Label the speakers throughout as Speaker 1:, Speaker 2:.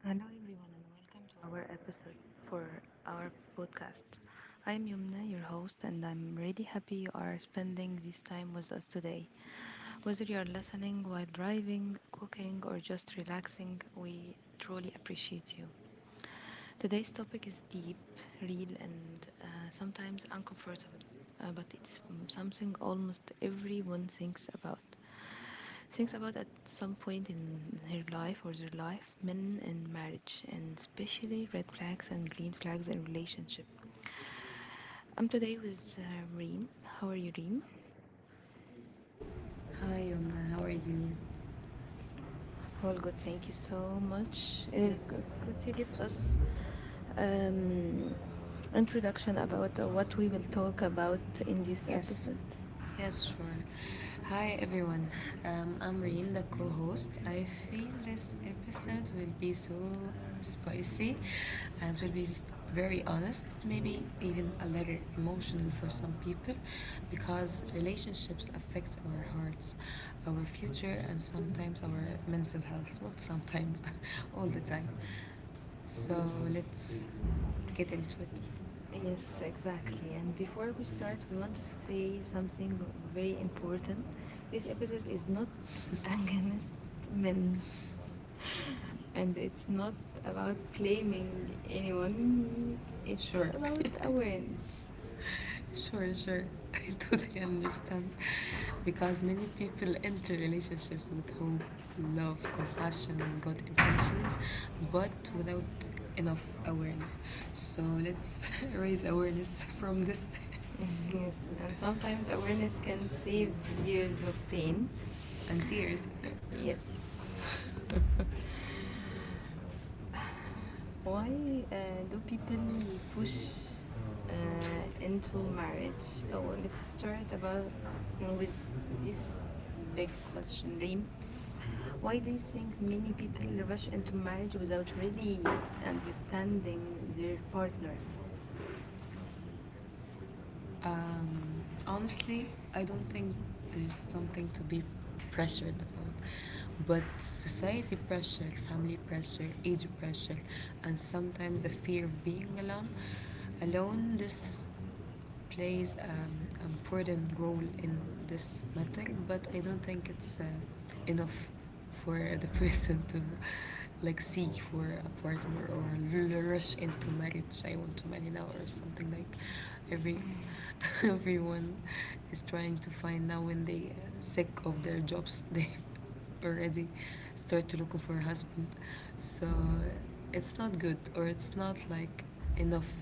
Speaker 1: Hello everyone and welcome to our episode for our podcast. I'm Yumna, your host, and I'm really happy you are spending this time with us today. Whether you are listening while driving, cooking, or just relaxing, we truly appreciate you. Today's topic is deep, real, and sometimes uncomfortable, but it's something almost everyone thinks about at some point in her life or their life: men and marriage, and especially red flags and green flags in relationship. I'm today with Reen. How are you, Reen? Hi,
Speaker 2: Hi,
Speaker 1: Yoma.
Speaker 2: Yomna. How
Speaker 1: How
Speaker 2: are
Speaker 1: are you?
Speaker 2: you? All
Speaker 1: All good,
Speaker 2: good. Thank
Speaker 1: thank you
Speaker 2: you so
Speaker 1: so
Speaker 2: much.
Speaker 1: much. Uh,
Speaker 2: Yes, good.
Speaker 1: could, could
Speaker 2: Could you
Speaker 1: you give
Speaker 2: give us
Speaker 1: us
Speaker 2: um,
Speaker 1: um,
Speaker 2: introduction
Speaker 1: introduction
Speaker 2: about
Speaker 1: about
Speaker 2: what
Speaker 1: what
Speaker 2: we
Speaker 1: we will
Speaker 2: will talk
Speaker 1: talk
Speaker 2: about
Speaker 1: about in
Speaker 2: in this?
Speaker 1: this. Yes.
Speaker 2: Yes.
Speaker 1: Episode?
Speaker 2: Yes, sure. Hi everyone. I'm Reem, the co-host. I feel this episode will be so spicy and will be very honest, maybe even a little emotional for some people because relationships affect our hearts, our future and sometimes our mental health, not sometimes, all the time. So let's get into it. Yes,
Speaker 1: Yes,
Speaker 2: exactly.
Speaker 1: exactly. And
Speaker 2: And before
Speaker 1: before we
Speaker 2: we start,
Speaker 1: start,
Speaker 2: we
Speaker 1: we
Speaker 2: want
Speaker 1: want
Speaker 2: to
Speaker 1: to
Speaker 2: say
Speaker 1: say
Speaker 2: something
Speaker 1: something
Speaker 2: very
Speaker 1: very
Speaker 2: important.
Speaker 1: important.
Speaker 2: This
Speaker 1: This
Speaker 2: episode
Speaker 1: episode
Speaker 2: is
Speaker 1: is
Speaker 2: not
Speaker 1: not
Speaker 2: against
Speaker 1: against
Speaker 2: men,
Speaker 1: men,
Speaker 2: and
Speaker 1: and
Speaker 2: it's
Speaker 1: it's
Speaker 2: not
Speaker 1: not
Speaker 2: about
Speaker 1: about
Speaker 2: blaming
Speaker 1: blaming
Speaker 2: anyone.
Speaker 1: anyone.
Speaker 2: It's,
Speaker 1: It's,
Speaker 2: sure,
Speaker 1: sure, about
Speaker 2: about awareness.
Speaker 1: awareness.
Speaker 2: Sure, sure. I totally understand. Because many people enter relationships with hope, love, compassion, and good intentions, but without enough awareness. So let's raise awareness from this. Yes,
Speaker 1: Yes,
Speaker 2: and
Speaker 1: and
Speaker 2: sometimes
Speaker 1: sometimes
Speaker 2: awareness
Speaker 1: awareness
Speaker 2: can
Speaker 1: can
Speaker 2: save
Speaker 1: save
Speaker 2: years
Speaker 1: years
Speaker 2: of
Speaker 1: of
Speaker 2: pain.
Speaker 1: pain.
Speaker 2: And tears. Yes.
Speaker 1: Yes.
Speaker 2: Why
Speaker 1: Why
Speaker 2: do
Speaker 1: do
Speaker 2: people
Speaker 1: people
Speaker 2: push
Speaker 1: push uh,
Speaker 2: into
Speaker 1: into
Speaker 2: marriage?
Speaker 1: marriage?
Speaker 2: Or
Speaker 1: Oh,
Speaker 2: let's
Speaker 1: let's
Speaker 2: start
Speaker 1: start
Speaker 2: about
Speaker 1: about
Speaker 2: with
Speaker 1: with
Speaker 2: this
Speaker 1: this
Speaker 2: big
Speaker 1: big
Speaker 2: question,
Speaker 1: question,
Speaker 2: Reem.
Speaker 1: Reem.
Speaker 2: Why
Speaker 1: Why
Speaker 2: do
Speaker 1: do
Speaker 2: you
Speaker 1: you
Speaker 2: think
Speaker 1: think
Speaker 2: many
Speaker 1: many
Speaker 2: people
Speaker 1: people
Speaker 2: rush
Speaker 1: rush
Speaker 2: into
Speaker 1: into
Speaker 2: marriage
Speaker 1: marriage
Speaker 2: without
Speaker 1: without
Speaker 2: really
Speaker 1: really
Speaker 2: understanding
Speaker 1: understanding
Speaker 2: their
Speaker 1: their
Speaker 2: partner?
Speaker 1: partner?
Speaker 2: Honestly, I don't think there's something to be pressured about. But society pressure, family pressure, age pressure, and sometimes the fear of being alone, this plays an important role in this matter. But I don't think it's enough for the person to like seek for a partner or rush into marriage. I want to marry now or something like every everyone is trying to find now when they sick of their jobs. They already start to look for a husband, so it's not good or it's not like enough.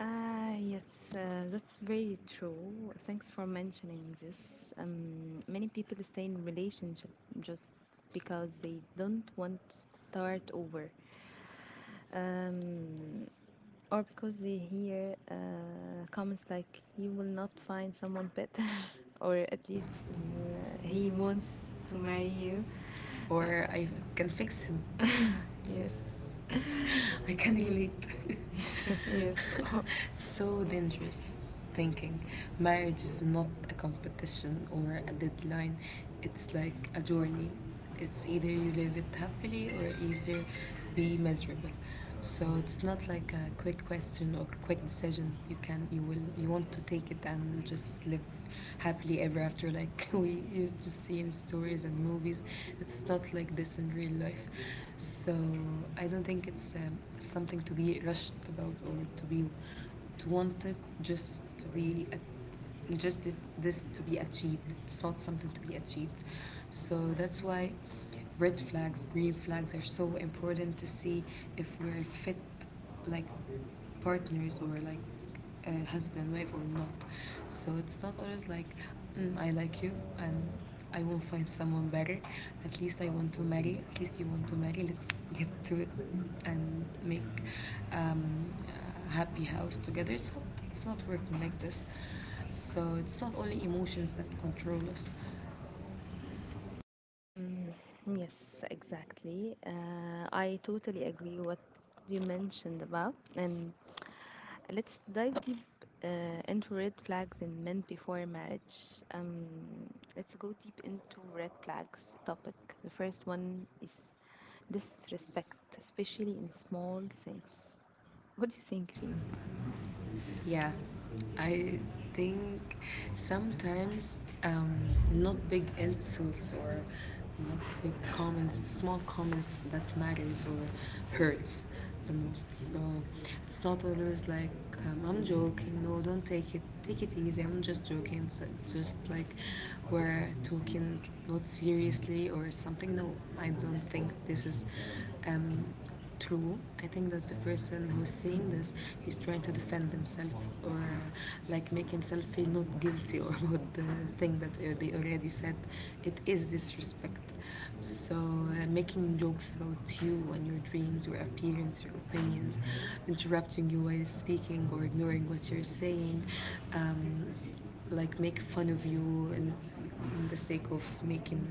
Speaker 1: Ah, yes, that's very true. Thanks for mentioning this. Many people stay in relationship just because they don't want to start over, um, or because they hear comments like "you will not find someone better," or at
Speaker 2: If,
Speaker 1: least
Speaker 2: he
Speaker 1: "he
Speaker 2: wants
Speaker 1: wants
Speaker 2: to
Speaker 1: to
Speaker 2: marry
Speaker 1: marry
Speaker 2: you.
Speaker 1: you."
Speaker 2: Or I can fix him. Yes.
Speaker 1: Yes.
Speaker 2: I can relate.
Speaker 1: Yes.
Speaker 2: So, so dangerous thinking. Marriage is not a competition or a deadline, it's like a journey. It's either you live it happily or either be miserable. So it's not like a quick question or quick decision. You can you will you want to take it and just live happily ever after like we used to see in stories and movies. It's not like this in real life. So I don't think it's something to be rushed about or to be to want it just to be a- just it, this to be achieved. It's not something to be achieved. So that's why red flags, green flags are so important to see if we're fit like partners or like husband, wife or not. So it's not always like I like you and I will find someone better. At least I want to marry. At least you want to marry. Let's get to it and make um, a happy house together. It's not. It's not working like this. So it's not only emotions that control us.
Speaker 1: Mm, yes, exactly. I totally agree what you mentioned about. And let's dive deep uh, into red flags in men before marriage. Um, let's go deep into red flags topic. The first one is disrespect, especially in small things. What do you think, Reem?
Speaker 2: Yeah, I think sometimes um, not big insults or not big comments, small comments that matters or hurts the most. So it's not always like I'm joking. No, don't take it. Take it easy. I'm just joking. So it's just like we're talking not seriously or something. No, I don't think this is um, true. I think that the person who's saying this, he's trying to defend himself or like make himself feel not guilty or about the thing that they already said. It is disrespect. So making jokes about you and your dreams, your appearance, your opinions, interrupting you while speaking or ignoring what you're saying, um, like make fun of you and in the sake of making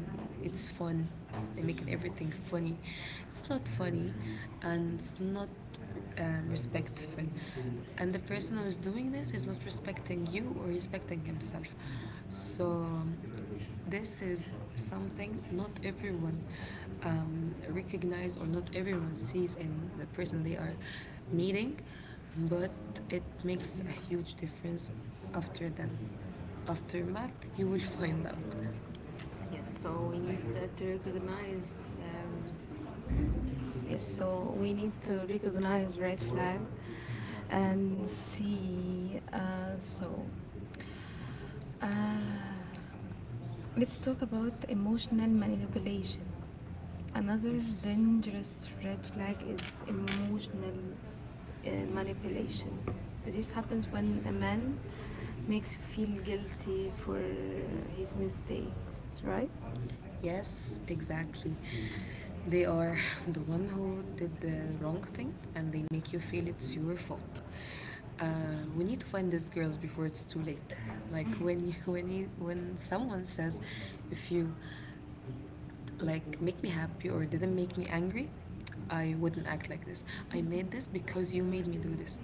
Speaker 2: it's fun and making everything funny. It's not funny and it's not respectful. And the person who's doing this is not respecting you or respecting himself. So this is something not everyone recognize or not everyone sees in the person they are meeting, but it makes a huge difference after then aftermath, you will find out. Yes, so we need to recognize. Um,
Speaker 1: Yes,
Speaker 2: yes, so
Speaker 1: so
Speaker 2: we
Speaker 1: we need
Speaker 2: need to
Speaker 1: to
Speaker 2: recognize
Speaker 1: recognize
Speaker 2: red
Speaker 1: red
Speaker 2: flag
Speaker 1: flag
Speaker 2: and
Speaker 1: and see.
Speaker 2: see. Uh,
Speaker 1: Uh,
Speaker 2: Let's
Speaker 1: Let's
Speaker 2: talk
Speaker 1: talk
Speaker 2: about
Speaker 1: about
Speaker 2: emotional
Speaker 1: emotional
Speaker 2: manipulation.
Speaker 1: manipulation.
Speaker 2: Another,
Speaker 1: Another
Speaker 2: yes, dangerous
Speaker 1: dangerous
Speaker 2: red
Speaker 1: red
Speaker 2: flag
Speaker 1: flag
Speaker 2: is
Speaker 1: is emotional
Speaker 2: emotional manipulation.
Speaker 1: manipulation.
Speaker 2: This
Speaker 1: This
Speaker 2: happens
Speaker 1: happens
Speaker 2: when
Speaker 1: when
Speaker 2: a
Speaker 1: a
Speaker 2: man
Speaker 1: man
Speaker 2: makes
Speaker 1: makes
Speaker 2: you
Speaker 1: you
Speaker 2: feel
Speaker 1: feel
Speaker 2: guilty
Speaker 1: guilty
Speaker 2: for
Speaker 1: for
Speaker 2: his
Speaker 1: his
Speaker 2: mistakes,
Speaker 1: mistakes,
Speaker 2: right?
Speaker 1: right?
Speaker 2: Yes, exactly. They are the one who did the wrong thing and they make you feel it's your fault. Uh, we need to find these girls before it's too late. Like when you, when someone says, if you like make me happy or didn't make me angry, I wouldn't act like this. I made this because you made me do this.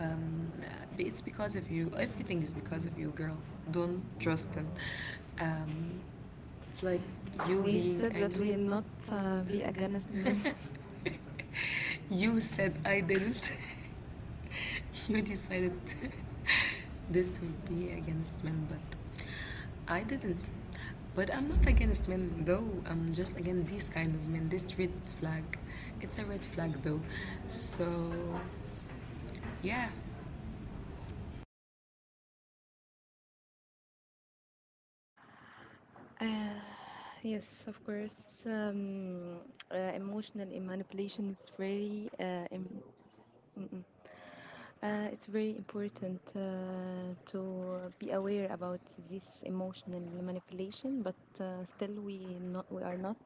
Speaker 2: Um, it's because of you. Everything is because of you, girl. Don't trust them. Um, it's like you we
Speaker 1: We
Speaker 2: being said
Speaker 1: said
Speaker 2: angry. That
Speaker 1: that
Speaker 2: angry.
Speaker 1: we'll
Speaker 2: We'll not
Speaker 1: not
Speaker 2: be
Speaker 1: be
Speaker 2: against
Speaker 1: against men.
Speaker 2: men. You said I didn't. You decided this would be against men, but I didn't. But I'm not against men though. I'm just against these kind of men. This red flag. It's a red flag though. So yeah.
Speaker 1: uh, yes, of course. Um, Emotional manipulation is very mm, mm. It's very important to be aware about this emotional manipulation, but uh, still we are not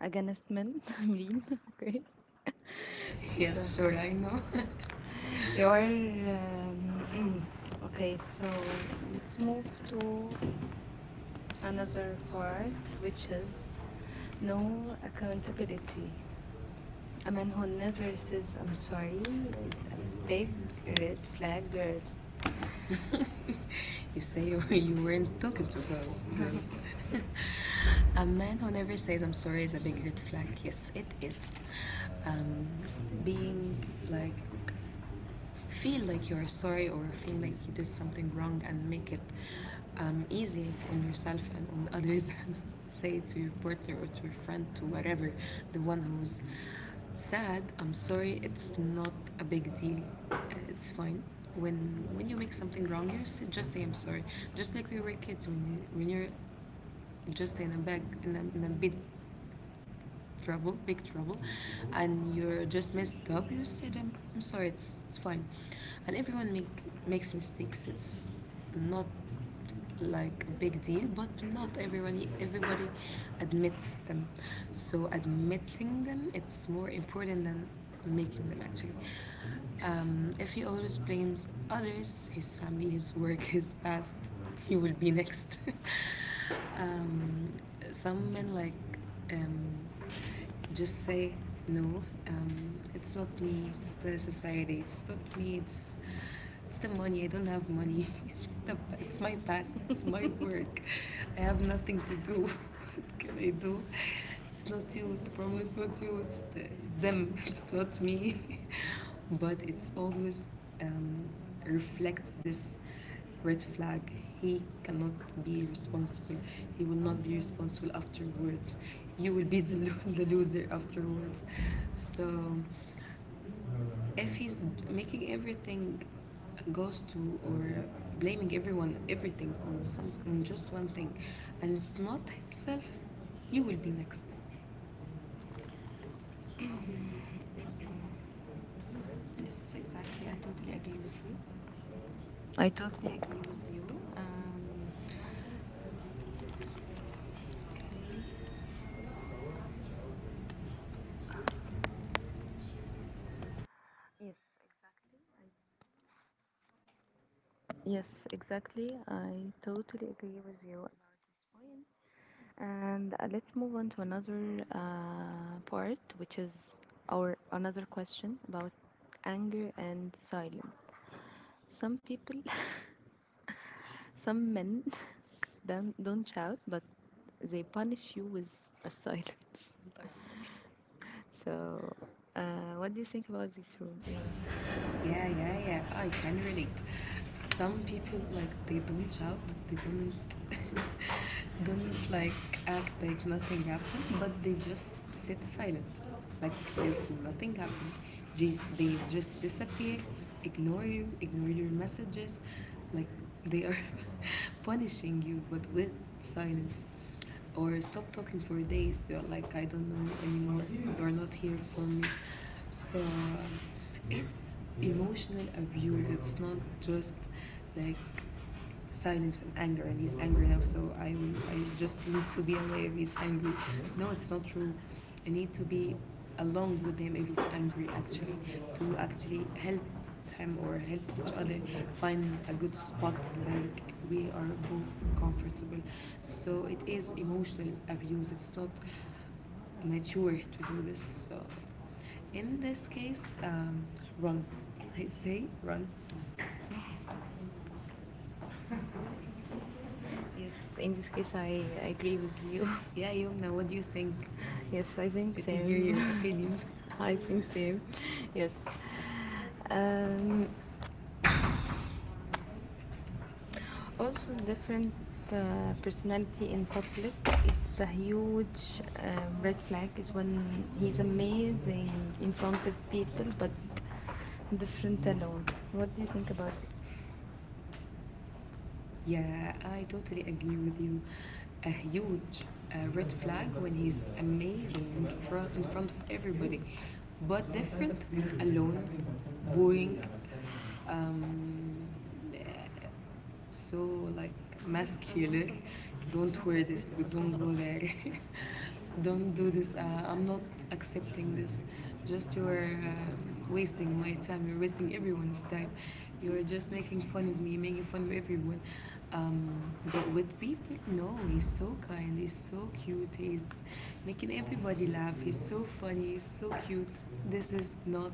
Speaker 1: against men. I mean, okay. So
Speaker 2: Yes, sure. I know. Your
Speaker 1: you're um, mm,
Speaker 2: okay,
Speaker 1: okay.
Speaker 2: so
Speaker 1: So
Speaker 2: let's
Speaker 1: let's
Speaker 2: move
Speaker 1: move to
Speaker 2: to another
Speaker 1: another
Speaker 2: part,
Speaker 1: part,
Speaker 2: which
Speaker 1: which
Speaker 2: is
Speaker 1: is
Speaker 2: no
Speaker 1: no
Speaker 2: accountability.
Speaker 1: accountability. A
Speaker 2: A man
Speaker 1: man
Speaker 2: who
Speaker 1: who
Speaker 2: never
Speaker 1: never
Speaker 2: says
Speaker 1: says
Speaker 2: I'm
Speaker 1: "I'm
Speaker 2: sorry
Speaker 1: sorry" is
Speaker 2: is a
Speaker 1: a
Speaker 2: big
Speaker 1: big
Speaker 2: red
Speaker 1: red
Speaker 2: flag,
Speaker 1: flag,
Speaker 2: girls.
Speaker 1: girls.
Speaker 2: You say you, you weren't talking to girls. Girls. A man who never says I'm sorry is a big red flag. Yes, it is. Um, being like feel like you are sorry or feel like you did something wrong and make it easy on yourself and on others and say to your partner or to your friend to whatever the one who's sad, I'm sorry, it's not a big deal. Uh, it's fine when you make something wrong you just say I'm sorry, just like we were kids when, when you're just in a bag in a bit trouble, big trouble, and you're just messed up, you said, I'm sorry, it's fine. And makes mistakes. It's not like a big deal, but not everybody admits them. So admitting them, it's more important than making them actually. If he always blames others, his family, his work, his past, he will be next. um, some men like um, just say no. It's not me, it's the society, it's not me, it's the money, I don't have money. It's the it's my past, it's my work, I have nothing to do. What can I do? It's not you, the problem is not you, it's them. It's not me. But it's always um, reflects this red flag. He cannot be responsible. He will not be responsible afterwards. You will be the loser afterwards. So if he's making everything goes to or blaming everyone everything on some on just one thing and it's not himself, you will be next. Yes,
Speaker 1: Yes,
Speaker 2: exactly.
Speaker 1: exactly.
Speaker 2: I
Speaker 1: I
Speaker 2: totally
Speaker 1: totally
Speaker 2: agree
Speaker 1: agree
Speaker 2: with
Speaker 1: with you.
Speaker 2: you. I
Speaker 1: I totally
Speaker 2: totally
Speaker 1: agree
Speaker 2: agree with
Speaker 1: with
Speaker 2: you.
Speaker 1: you.
Speaker 2: Um, okay.
Speaker 1: Um, yes, exactly. I totally agree with you about this point. And let's move on to another part, which is our another question about anger and silence. Some people, some men, don't shout, but they punish you with a silence. So, uh, what do you think about this, Reem?
Speaker 2: Yeah, yeah, yeah. I can relate. Some people like they don't shout, they don't don't like act like nothing happened, but they just sit silent, like if nothing happened. They just disappear, ignore you, ignore your messages, like they are punishing you, but with silence or stop talking for days. They're like, I don't know you anymore, you're not here for me. So it's emotional abuse, it's not just like silence and anger, and he's angry now, so I just need to be aware if he's angry. No, it's not true. I need to be along with him if he's angry, actually, to actually help him or help each other find a good spot like we are both comfortable. So it is emotional abuse. It's not mature to do this. So in this case, run. I say run. Yes,
Speaker 1: In
Speaker 2: in this
Speaker 1: this
Speaker 2: case,
Speaker 1: case, I,
Speaker 2: I
Speaker 1: I
Speaker 2: agree
Speaker 1: agree
Speaker 2: with
Speaker 1: with
Speaker 2: you.
Speaker 1: you.
Speaker 2: Yeah, Yumna, what do you think? Yes,
Speaker 1: Yes,
Speaker 2: I
Speaker 1: I
Speaker 2: think
Speaker 1: think
Speaker 2: Let so. Me same. Hear
Speaker 1: same.
Speaker 2: your opinion. I
Speaker 1: I
Speaker 2: think
Speaker 1: think
Speaker 2: same.
Speaker 1: same.
Speaker 2: Yes.
Speaker 1: Yes.
Speaker 2: Um,
Speaker 1: Um,
Speaker 2: also,
Speaker 1: also,
Speaker 2: different
Speaker 1: different
Speaker 2: uh, personality
Speaker 1: personality
Speaker 2: in
Speaker 1: in
Speaker 2: public.
Speaker 1: public.
Speaker 2: It's
Speaker 1: It's
Speaker 2: a
Speaker 1: a
Speaker 2: huge
Speaker 1: huge
Speaker 2: red
Speaker 1: red
Speaker 2: flag.
Speaker 1: flag.
Speaker 2: Is
Speaker 1: Is
Speaker 2: when
Speaker 1: when
Speaker 2: he's
Speaker 1: he's
Speaker 2: amazing
Speaker 1: amazing in
Speaker 2: in front
Speaker 1: front of
Speaker 2: of
Speaker 1: people,
Speaker 2: people, but
Speaker 1: but different
Speaker 2: different alone.
Speaker 1: alone. What
Speaker 2: What
Speaker 1: do
Speaker 2: do
Speaker 1: you
Speaker 2: you
Speaker 1: think
Speaker 2: think about
Speaker 1: about
Speaker 2: it?
Speaker 1: it?
Speaker 2: Yeah, I totally agree with you. A huge red flag when he's amazing in front of everybody, but different, alone, booing, um, so like muscular, don't wear this, don't go there, don't do this. I'm not accepting this, just you're wasting my time, you're wasting everyone's time, you're just making fun of me, making fun of everyone. um, but with people no, he's so kind, he's so cute, he's making everybody laugh, he's so funny, he's so cute. This is not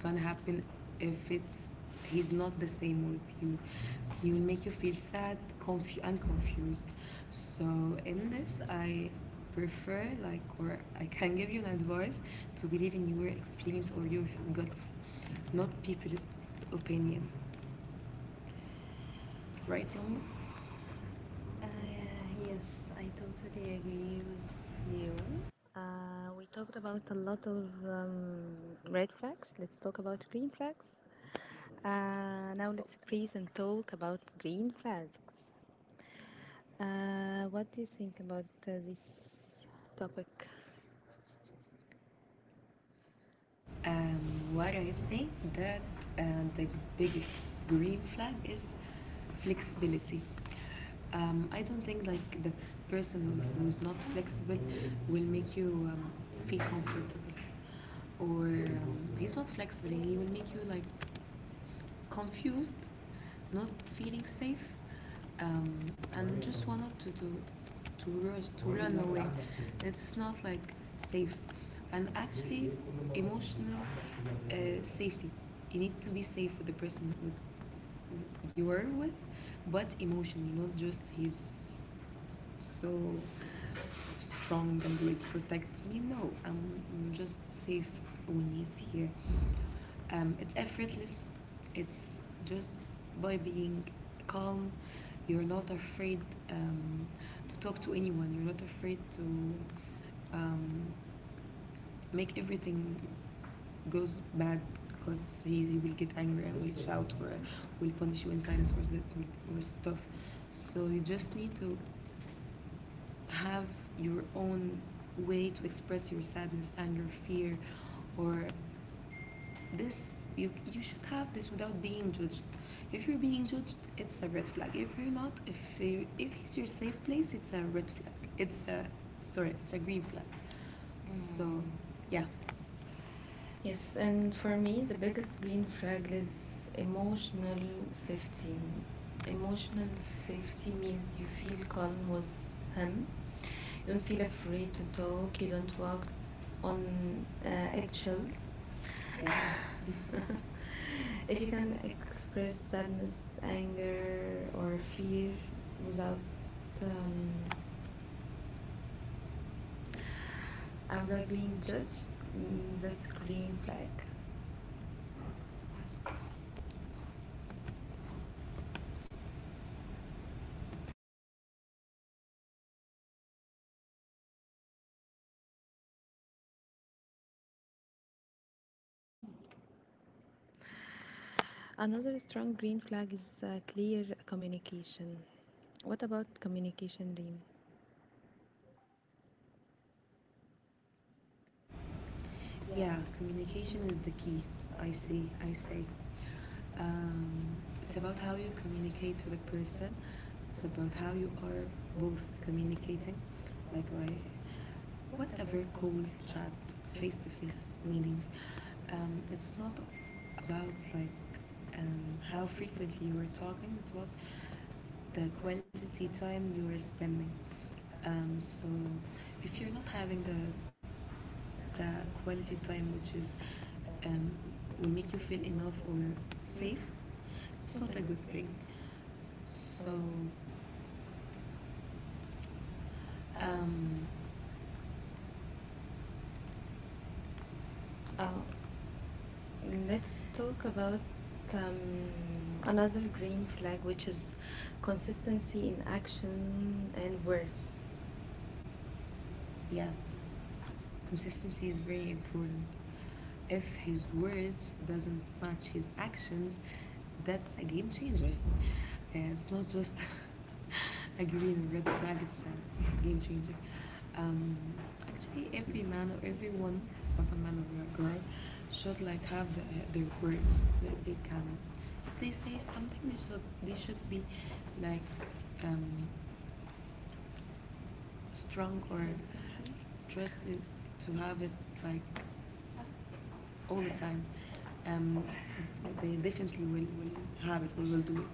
Speaker 2: gonna happen. If it's he's not the same with you. He will make you feel sad, and confused. So in this, I prefer like or I can give you an advice to believe in your experience or your guts, not people's opinion. Right, Yomna? Uh,
Speaker 1: Uh,
Speaker 2: yes,
Speaker 1: yes,
Speaker 2: I
Speaker 1: I
Speaker 2: totally
Speaker 1: totally agree
Speaker 2: agree
Speaker 1: with
Speaker 2: with you.
Speaker 1: you. We talked about a lot of red flags. Let's talk about green flags. Now. So, let's freeze and talk about green flags. What do you think about this topic?
Speaker 2: What I think that the biggest green flag is flexibility. I don't think like the person who's not flexible will make you feel comfortable, or he's not flexible. He will make you like confused, not feeling safe, um, and just wanted to rush, to run away. It's not like safe, and actually emotional uh, safety. You need to be safe with the person with, you are with, but emotionally, not just he's so strong and will protect me. No, I'm just safe when he's here. It's effortless, it's just by being calm, you're not afraid, um, to talk to anyone. You're not afraid to um, make everything goes bad because he will get angry and will shout or will punish you in silence or, or stuff. So you just need to have your own way to express your sadness, anger, fear, or this. You should have this without being judged. If you're being judged, it's a red flag. If you're not, if it's your safe place, it's a red flag, it's a, sorry, it's a green flag. Mm. So yeah.
Speaker 1: Yes,
Speaker 2: Yes,
Speaker 1: and
Speaker 2: and
Speaker 1: for
Speaker 2: for
Speaker 1: me,
Speaker 2: me,
Speaker 1: the
Speaker 2: the biggest
Speaker 1: biggest green
Speaker 2: green
Speaker 1: flag
Speaker 2: flag
Speaker 1: is
Speaker 2: is
Speaker 1: emotional
Speaker 2: emotional
Speaker 1: safety.
Speaker 2: safety.
Speaker 1: Emotional
Speaker 2: Emotional
Speaker 1: safety
Speaker 2: safety means
Speaker 1: means you
Speaker 2: you
Speaker 1: feel
Speaker 2: feel calm
Speaker 1: calm with
Speaker 2: with
Speaker 1: him.
Speaker 2: him.
Speaker 1: You
Speaker 2: You
Speaker 1: don't
Speaker 2: don't
Speaker 1: feel
Speaker 2: feel
Speaker 1: afraid
Speaker 2: afraid
Speaker 1: to
Speaker 2: to talk.
Speaker 1: talk. You
Speaker 2: You don't
Speaker 1: don't walk
Speaker 2: walk
Speaker 1: on
Speaker 2: on
Speaker 1: eggshells.
Speaker 2: eggshells. Yeah.
Speaker 1: If you
Speaker 2: If you
Speaker 1: can
Speaker 2: can
Speaker 1: express
Speaker 2: express
Speaker 1: sadness,
Speaker 2: sadness, anger,
Speaker 1: anger,
Speaker 2: or
Speaker 1: or
Speaker 2: fear
Speaker 1: fear without
Speaker 2: without
Speaker 1: um,
Speaker 2: um,
Speaker 1: Without
Speaker 2: without
Speaker 1: being
Speaker 2: being
Speaker 1: judged,
Speaker 2: judged,
Speaker 1: mm, that's
Speaker 2: that's
Speaker 1: green
Speaker 2: green flag.
Speaker 1: flag. Another strong green flag is clear communication. What about communication, Reem?
Speaker 2: Yeah, communication is the key. I see, I say. Um, it's about how you communicate to the person. It's about how you are both communicating, like by whatever call, chat, face to face meetings. It's not about like how frequently you are talking. It's about the quality time you are spending. So if you're not having the quality time which is um, will make you feel enough or safe, it's not a good thing. So um, Uh,
Speaker 1: Uh,
Speaker 2: let's
Speaker 1: let's
Speaker 2: talk
Speaker 1: talk about
Speaker 2: about
Speaker 1: um,
Speaker 2: um, another
Speaker 1: another green
Speaker 2: green
Speaker 1: flag,
Speaker 2: flag,
Speaker 1: which
Speaker 2: which
Speaker 1: is
Speaker 2: is consistency
Speaker 1: consistency
Speaker 2: in
Speaker 1: in
Speaker 2: action
Speaker 1: action
Speaker 2: and
Speaker 1: and words.
Speaker 2: words. Yeah. Consistency is very important. If his words doesn't match his actions, that's a game changer. It's not just a green or red flag, it's a game changer. Um, actually, every man or everyone, it's not a man or a girl, should like have their words that they can. If they say something, they should be like um, strong or trusted to have it like all the time. Um, they definitely will have it or will do it.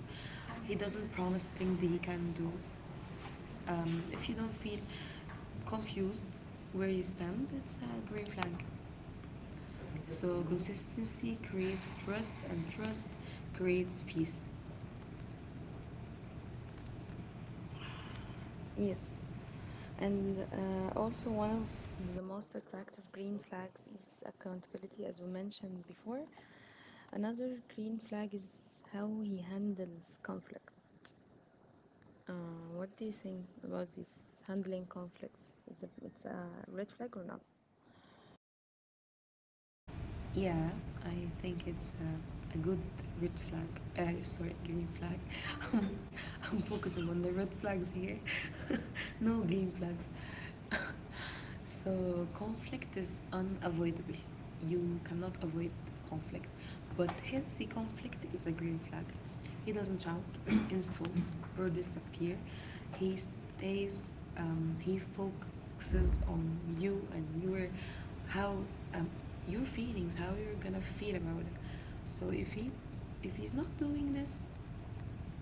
Speaker 2: He doesn't promise things that he can do. If you don't feel confused where you stand, it's a green flag. So consistency creates trust, and trust creates peace. Yes,
Speaker 1: Yes. And
Speaker 2: and all.
Speaker 1: also, one of the most attractive green flags is accountability, as we mentioned before. Another green flag is how he handles conflict. Uh, what do you think about this handling conflicts? It's a red flag or not?
Speaker 2: Yeah, I think it's a good red flag. Sorry, green flag. I'm focusing on the red flags here. No green flags. So conflict is unavoidable. You cannot avoid conflict. But healthy conflict is a green flag. He doesn't shout, insult, or disappear. He stays, he focuses on you and your, how, um, your feelings, how you're gonna feel about it. So if he's not doing this,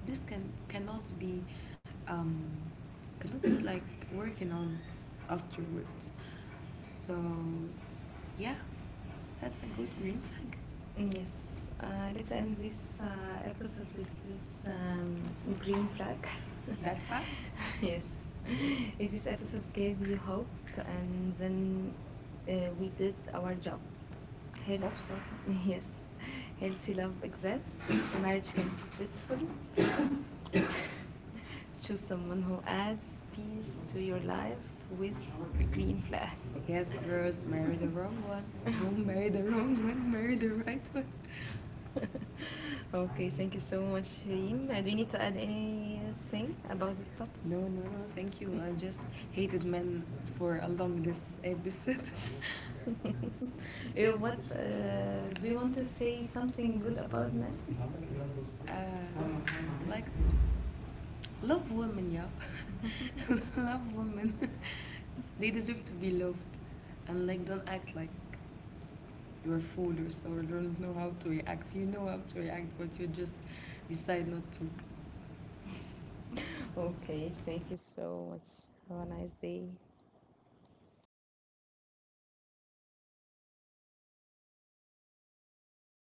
Speaker 2: this can, cannot be, um cannot be like working on afterwards. So yeah, that's a good green flag.
Speaker 1: Yes,
Speaker 2: Yes. Uh, let's
Speaker 1: let's
Speaker 2: end
Speaker 1: end
Speaker 2: this
Speaker 1: this
Speaker 2: episode
Speaker 1: episode with
Speaker 2: with
Speaker 1: this
Speaker 2: this green
Speaker 1: green
Speaker 2: flag.
Speaker 1: flag.
Speaker 2: That fast. Yes.
Speaker 1: Yes,
Speaker 2: If
Speaker 1: if
Speaker 2: this
Speaker 1: this episode
Speaker 2: episode gave
Speaker 1: gave
Speaker 2: you
Speaker 1: you hope
Speaker 2: hope and
Speaker 1: and then
Speaker 2: then
Speaker 1: we
Speaker 2: we
Speaker 1: did
Speaker 2: did our
Speaker 1: our
Speaker 2: job.
Speaker 1: job. Hope
Speaker 2: Health, hope
Speaker 1: so.
Speaker 2: so.
Speaker 1: Health, yes,
Speaker 2: Yes.
Speaker 1: healthy
Speaker 2: Healthy
Speaker 1: love
Speaker 2: love
Speaker 1: exists.
Speaker 2: exists. The
Speaker 1: Marriage
Speaker 2: marriage can
Speaker 1: can
Speaker 2: be
Speaker 1: be peaceful.
Speaker 2: peaceful.
Speaker 1: Choose
Speaker 2: Choose
Speaker 1: someone
Speaker 2: someone
Speaker 1: who
Speaker 2: who
Speaker 1: adds
Speaker 2: adds
Speaker 1: peace
Speaker 2: peace
Speaker 1: to
Speaker 2: to
Speaker 1: your
Speaker 2: your
Speaker 1: life
Speaker 2: life
Speaker 1: with
Speaker 2: with
Speaker 1: green
Speaker 2: green
Speaker 1: flag.
Speaker 2: flag. Yes, girls, marry the wrong one. Don't marry the wrong one, marry the right one.
Speaker 1: Okay,
Speaker 2: Okay,
Speaker 1: thank
Speaker 2: thank
Speaker 1: you
Speaker 2: you so
Speaker 1: so
Speaker 2: much,
Speaker 1: much, Reem.
Speaker 2: Reem.
Speaker 1: Do
Speaker 2: Do
Speaker 1: you
Speaker 2: you
Speaker 1: need
Speaker 2: need
Speaker 1: to
Speaker 2: to
Speaker 1: add
Speaker 2: add
Speaker 1: anything
Speaker 2: anything
Speaker 1: about
Speaker 2: about
Speaker 1: this
Speaker 2: this topic?
Speaker 1: topic?
Speaker 2: No, No, thank you. I just hated men for along this episode.
Speaker 1: Uh, what
Speaker 2: What
Speaker 1: uh, do
Speaker 2: do
Speaker 1: you
Speaker 2: you
Speaker 1: want
Speaker 2: want to
Speaker 1: to
Speaker 2: say
Speaker 1: say
Speaker 2: something
Speaker 1: something good
Speaker 2: good about
Speaker 1: about men?
Speaker 2: men? Like love women, yeah. Love women. They deserve to be loved, and like don't act like you're foolish or don't know how to react. You know how to react, but you just decide not to.
Speaker 1: Okay, thank you so much. Have a nice day.